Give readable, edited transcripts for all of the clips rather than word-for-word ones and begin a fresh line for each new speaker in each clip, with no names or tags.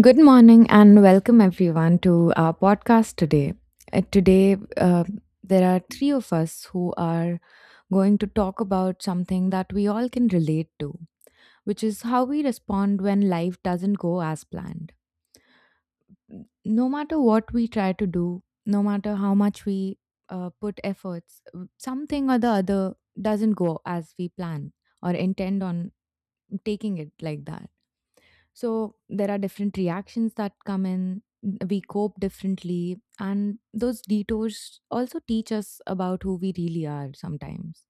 Good morning and welcome everyone to our podcast today. Today, there are three of us who are going to talk about something that we all can relate to, which is how we respond when life doesn't go as planned. No matter what we try to do, no matter how much we put efforts, something or the other doesn't go as we plan or intend on taking it like that, so there are different reactions that come in. We cope differently, and those detours also teach us about who we really are sometimes.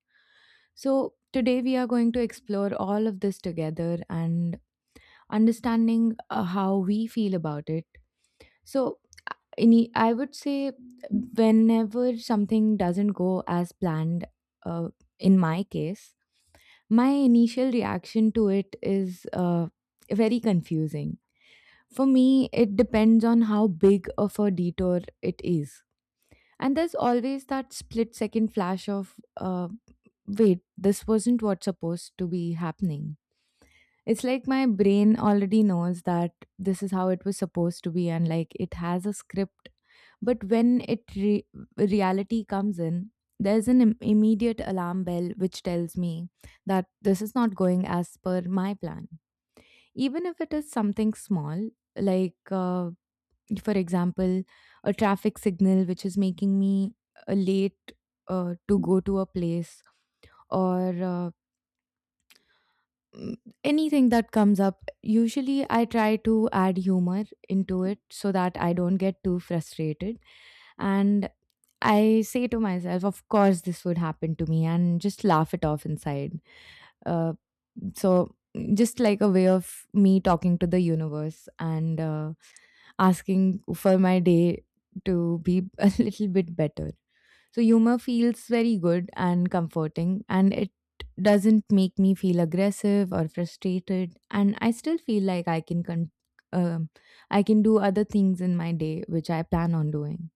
So today we are going to explore all of this together and understanding how we feel about it. So any, I would say whenever something doesn't go as planned, uh, in my case, my initial reaction to it is very confusing for me. It depends on how big of a detour it is. And there's always that split second flash of, wait, this wasn't what's supposed to be happening. It's like my brain already knows that this is how it was supposed to be, and like it has a script. But when reality comes in, there's an immediate alarm bell which tells me that this is not going as per my plan. Even if it is something small, like, for example, a traffic signal which is making me late to go to a place or mm, anything that comes up. Usually, I try to add humor into it so that I don't get too frustrated. And I say to myself, of course, this would happen to me, and just laugh it off inside. Uh, so, just like a way of me talking to the universe and asking for my day to be a little bit better. So humor feels very good and comforting and it doesn't make me feel aggressive or frustrated, and I still feel like um I can do other things in my day which I plan on doing.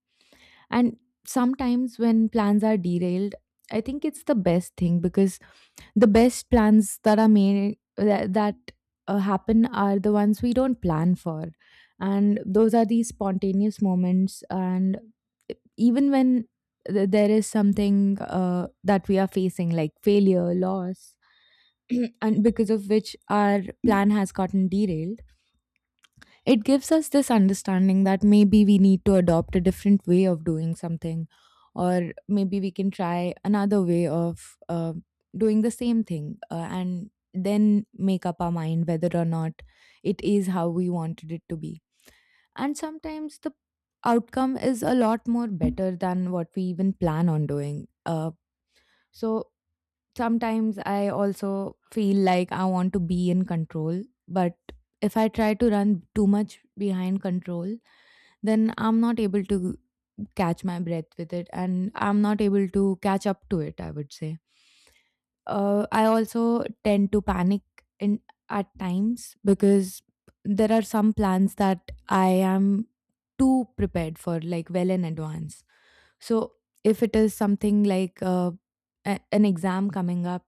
And sometimes when plans are derailed, I think it's the best thing, because the best plans that are made that, that happen are the ones we don't plan for, and those are these spontaneous moments. And even when there is something that we are facing, like failure, loss, and because of which our plan has gotten derailed, it gives us this understanding that maybe we need to adopt a different way of doing something, or maybe we can try another way of doing the same thing, and then make up our mind whether or not it is how we wanted it to be. And sometimes the outcome is a lot more better than what we even plan on doing. So sometimes I also feel like I want to be in control, but if I try to run too much behind control, then I'm not able to catch my breath with it, and I'm not able to catch up to it, I would say. I also tend to panic in at times, because there are some plans that I am too prepared for, like well in advance. So if it is something like an exam coming up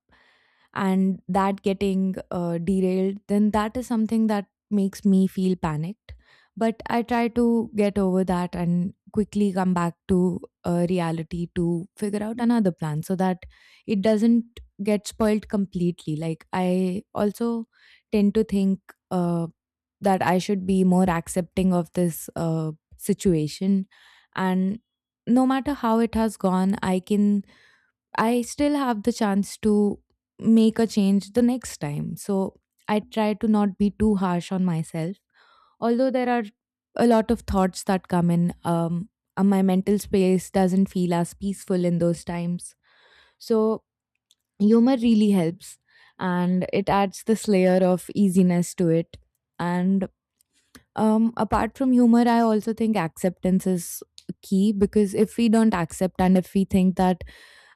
and that getting derailed, then that is something that makes me feel panicked. But I try to get over that and quickly come back to reality to figure out another plan so that it doesn't get spoiled completely. Like, I also tend to think uh, that I should be more accepting of this situation. And no matter how it has gone, I still have the chance to make a change the next time, so I try to not be too harsh on myself. Although there are a lot of thoughts that come in, and my mental space doesn't feel as peaceful in those times, so humor really helps, and it adds this layer of easiness to it. And apart from humor, I also think acceptance is key, because if we don't accept and if we think that,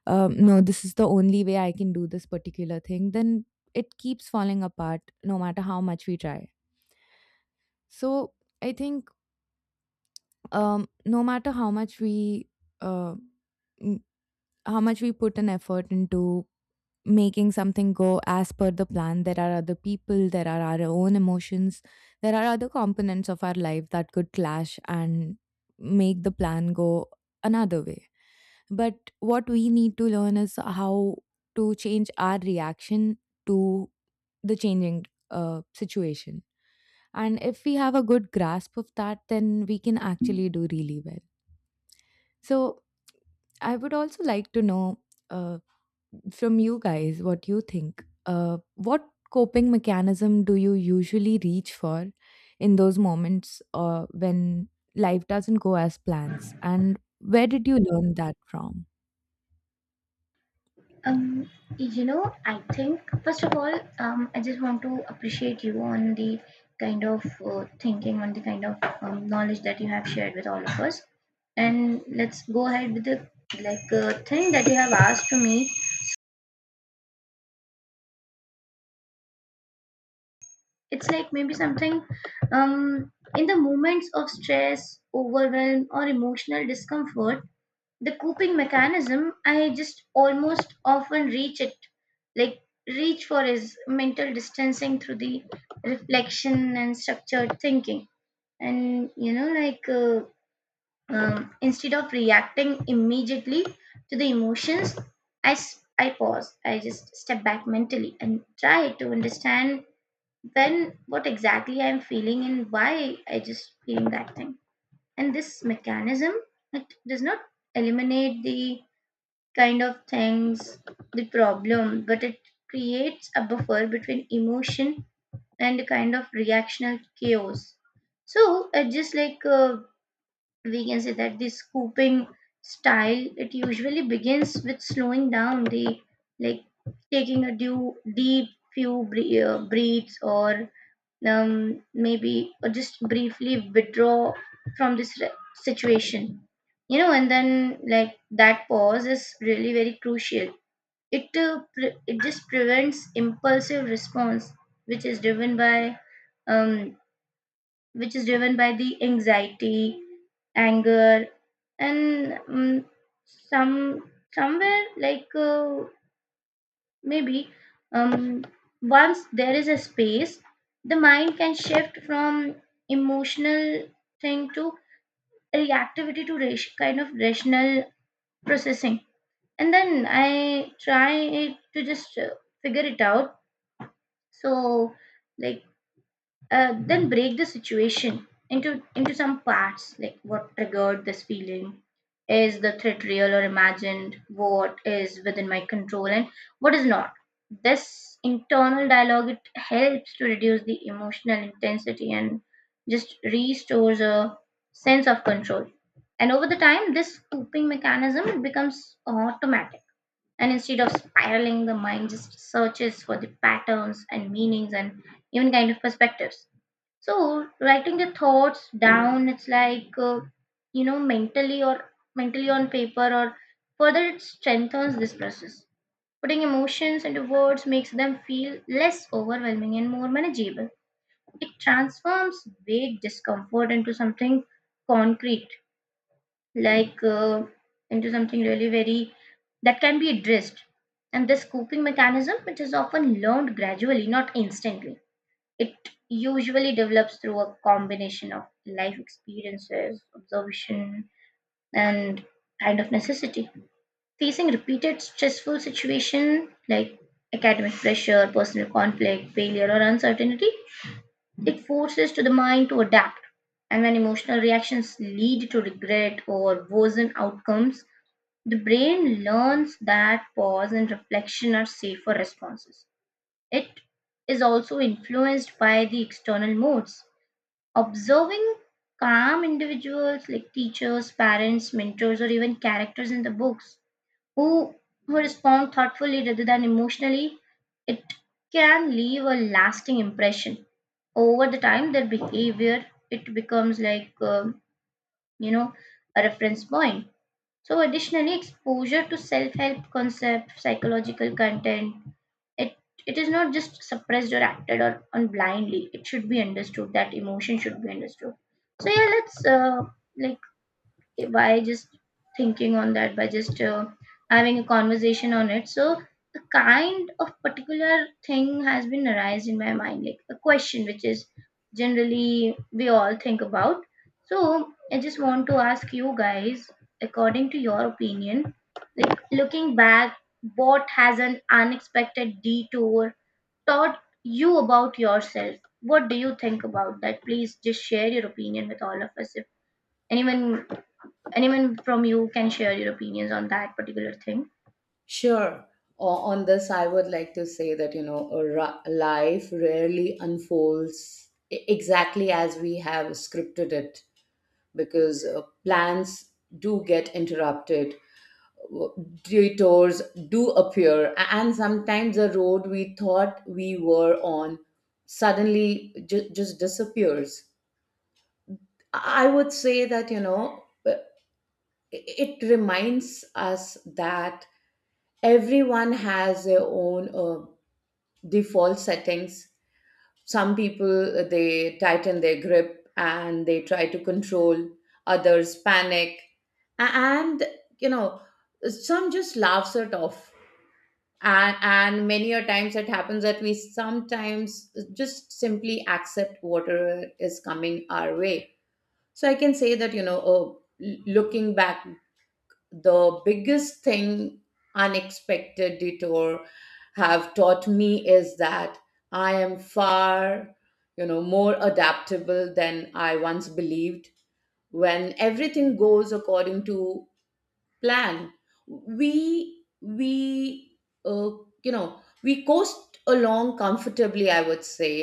no, this is the only way I can do this particular thing, then it keeps falling apart no matter how much we try. So I think, no matter how much we uh, n- how much we put an effort into making something go as per the plan, there are other people, there are our own emotions, there are other components of our life that could clash and make the plan go another way. But what we need to learn is how to change our reaction to the changing situation. And if we have a good grasp of that, then we can actually do really well. So, I would also like to know. Uh, from you guys, what you think, what coping mechanism do you usually reach for in those moments, when life doesn't go as plans, and where did you learn that from?
Um, I think first of all, I just want to appreciate you on the kind of thinking, on the kind of knowledge that you have shared with all of us. And let's go ahead with the thing that you have asked to me. It's like maybe something in the moments of stress, overwhelm, or emotional discomfort. The coping mechanism I just almost often reach it, like reach for is mental distancing through the reflection and structured thinking. And you know, instead of reacting immediately to the emotions, I pause. I just step back mentally and try to understand when what exactly I'm feeling and why I just feeling that thing. And this mechanism, it does not eliminate the kind of things the problem, but it creates a buffer between emotion and a kind of reactional chaos. So, just like we can say that the scooping style, it usually begins with slowing down the like taking a due, deep few breaths, or maybe or just briefly withdraw from this situation, you know. And then like, that pause is really very crucial. It it just prevents impulsive response, which is driven by um, the anxiety, anger, and, some somewhere like maybe um, once there is a space, the mind can shift from emotional thing to reactivity to kind of rational processing. And then I try to just figure it out. So, like, then break the situation into some parts. Like, what triggered this feeling? Is the threat real or imagined? What is within my control and what is not? This internal dialogue, it helps to reduce the emotional intensity and just restores a sense of control. And over the time, this coping mechanism becomes automatic, and instead of spiraling, the mind just searches for the patterns and meanings and even kind of perspectives. So writing the thoughts down, it's you know, mentally or mentally on paper, or further it strengthens this process. Putting emotions into words makes them feel less overwhelming and more manageable. It transforms vague discomfort into something concrete, like uh, into something really very that can be addressed. And this coping mechanism, which is often learned gradually, not instantly, it usually develops through a combination of life experiences, observation, and kind of necessity. Facing repeated stressful situation like academic pressure, personal conflict, failure, or uncertainty, it forces to the mind to adapt. And when emotional reactions lead to regret or worsen outcomes, the brain learns that pause and reflection are safer responses. It is also influenced by the external modes. Observing calm individuals like teachers, parents, mentors, or even characters in the books who, respond thoughtfully rather than emotionally, it can leave a lasting impression. Over the time, their behavior, it becomes you know, a reference point. So additionally, exposure to self-help concepts, psychological content, it it is not just suppressed or acted or on blindly. It should be understood that emotion should be understood. So yeah, let's like by just thinking on that, by just having a conversation on it, so a kind of particular thing has been arised in my mind, like a question which is generally we all think about. So I just want to ask you guys, according to your opinion, like, looking back, what has an unexpected detour taught you about yourself? What do you think about that? Please just share your opinion with all of us. If anyone, from you, can share your opinions on that particular thing.
Sure. On this, I would like to say that, you know, life rarely unfolds exactly as we have scripted it because plans do get interrupted, w- detours do appear, and sometimes the road we thought we were on suddenly just disappears. I would say that, you know, it reminds us that everyone has their own. Default settings. Some people they tighten their grip and they try to control, others panic, and you know some just laughs it off. And many a times it happens that we sometimes just simply accept whatever is coming our way. So I can say that, you know, oh, looking back, the biggest thing unexpected detour have taught me is that I am far, you know, more adaptable than I once believed. When everything goes according to plan, we uh, we coast along comfortably, I would say.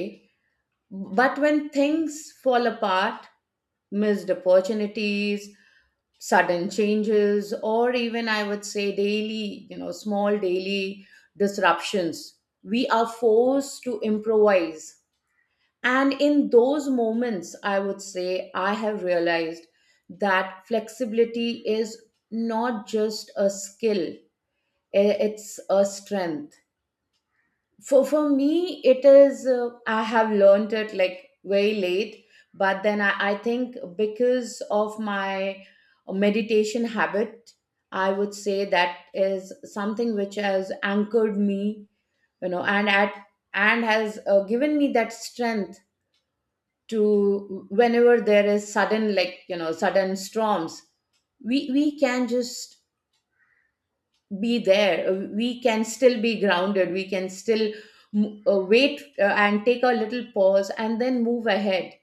But when things fall apart, missed opportunities, sudden changes, or even, I would say, daily, you know, small daily disruptions, we are forced to improvise. And in those moments, I would say, I have realized that flexibility is not just a skill, it's a strength. For me, it is, I have learned it like very late, but then I think because of my meditation habit, I would say, that is something which has anchored me, you know, and at and has given me that strength to. Whenever there is sudden, like, you know, sudden storms, we can just be there. We can still be grounded, we can still wait, and take a little pause and then move ahead.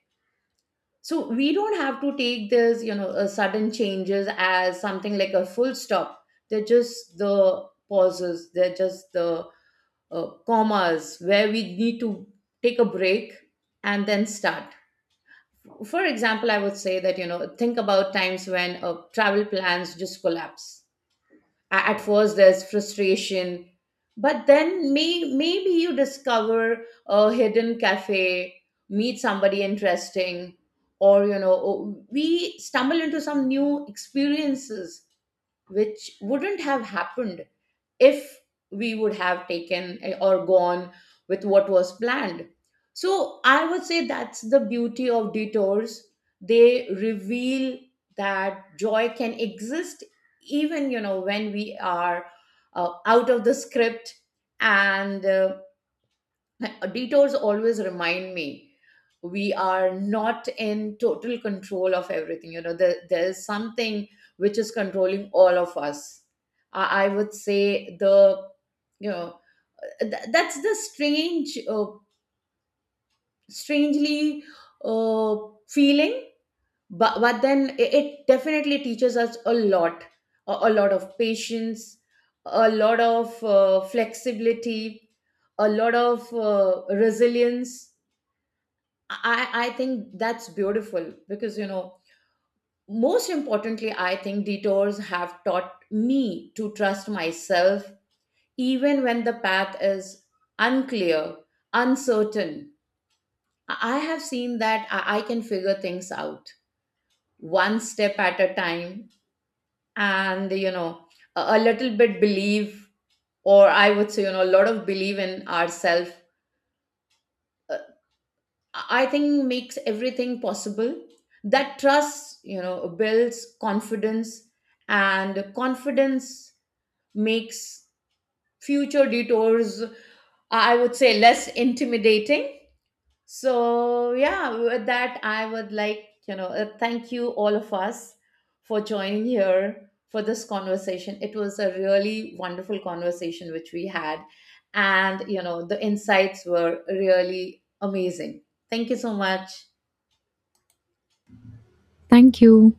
So we don't have to take this, you know, sudden changes as something like a full stop. They're just the pauses, they're just the commas where we need to take a break and then start. For example, I would say that, you know, think about times when travel plans just collapse. At first there's frustration, but then maybe you discover a hidden cafe, meet somebody interesting, or, you know, we stumble into some new experiences which wouldn't have happened if we would have taken or gone with what was planned. So I would say that's the beauty of detours. They reveal that joy can exist even, you know, when we are out of the script. And detours always remind me we are not in total control of everything, you know. There's something which is controlling all of us. I would say, the, you know, that's the strange, strangely, uh, feeling. But then it definitely teaches us a lot, a lot of patience, a lot of flexibility, a lot of resilience. I think that's beautiful because, you know, most importantly, I think detours have taught me to trust myself, even when the path is unclear, uncertain. I have seen that I can figure things out one step at a time, and, you know, a little bit believe, or I would say, you know, a lot of believe in ourselves, I think, makes everything possible. That trust, you know, builds confidence, and confidence makes future detours, I would say, less intimidating. So, yeah, with that, I would like, you know, thank you all of us for joining here for this conversation. It was a really wonderful conversation which we had. And, you know, the insights were really amazing. Thank you so much.
Thank you.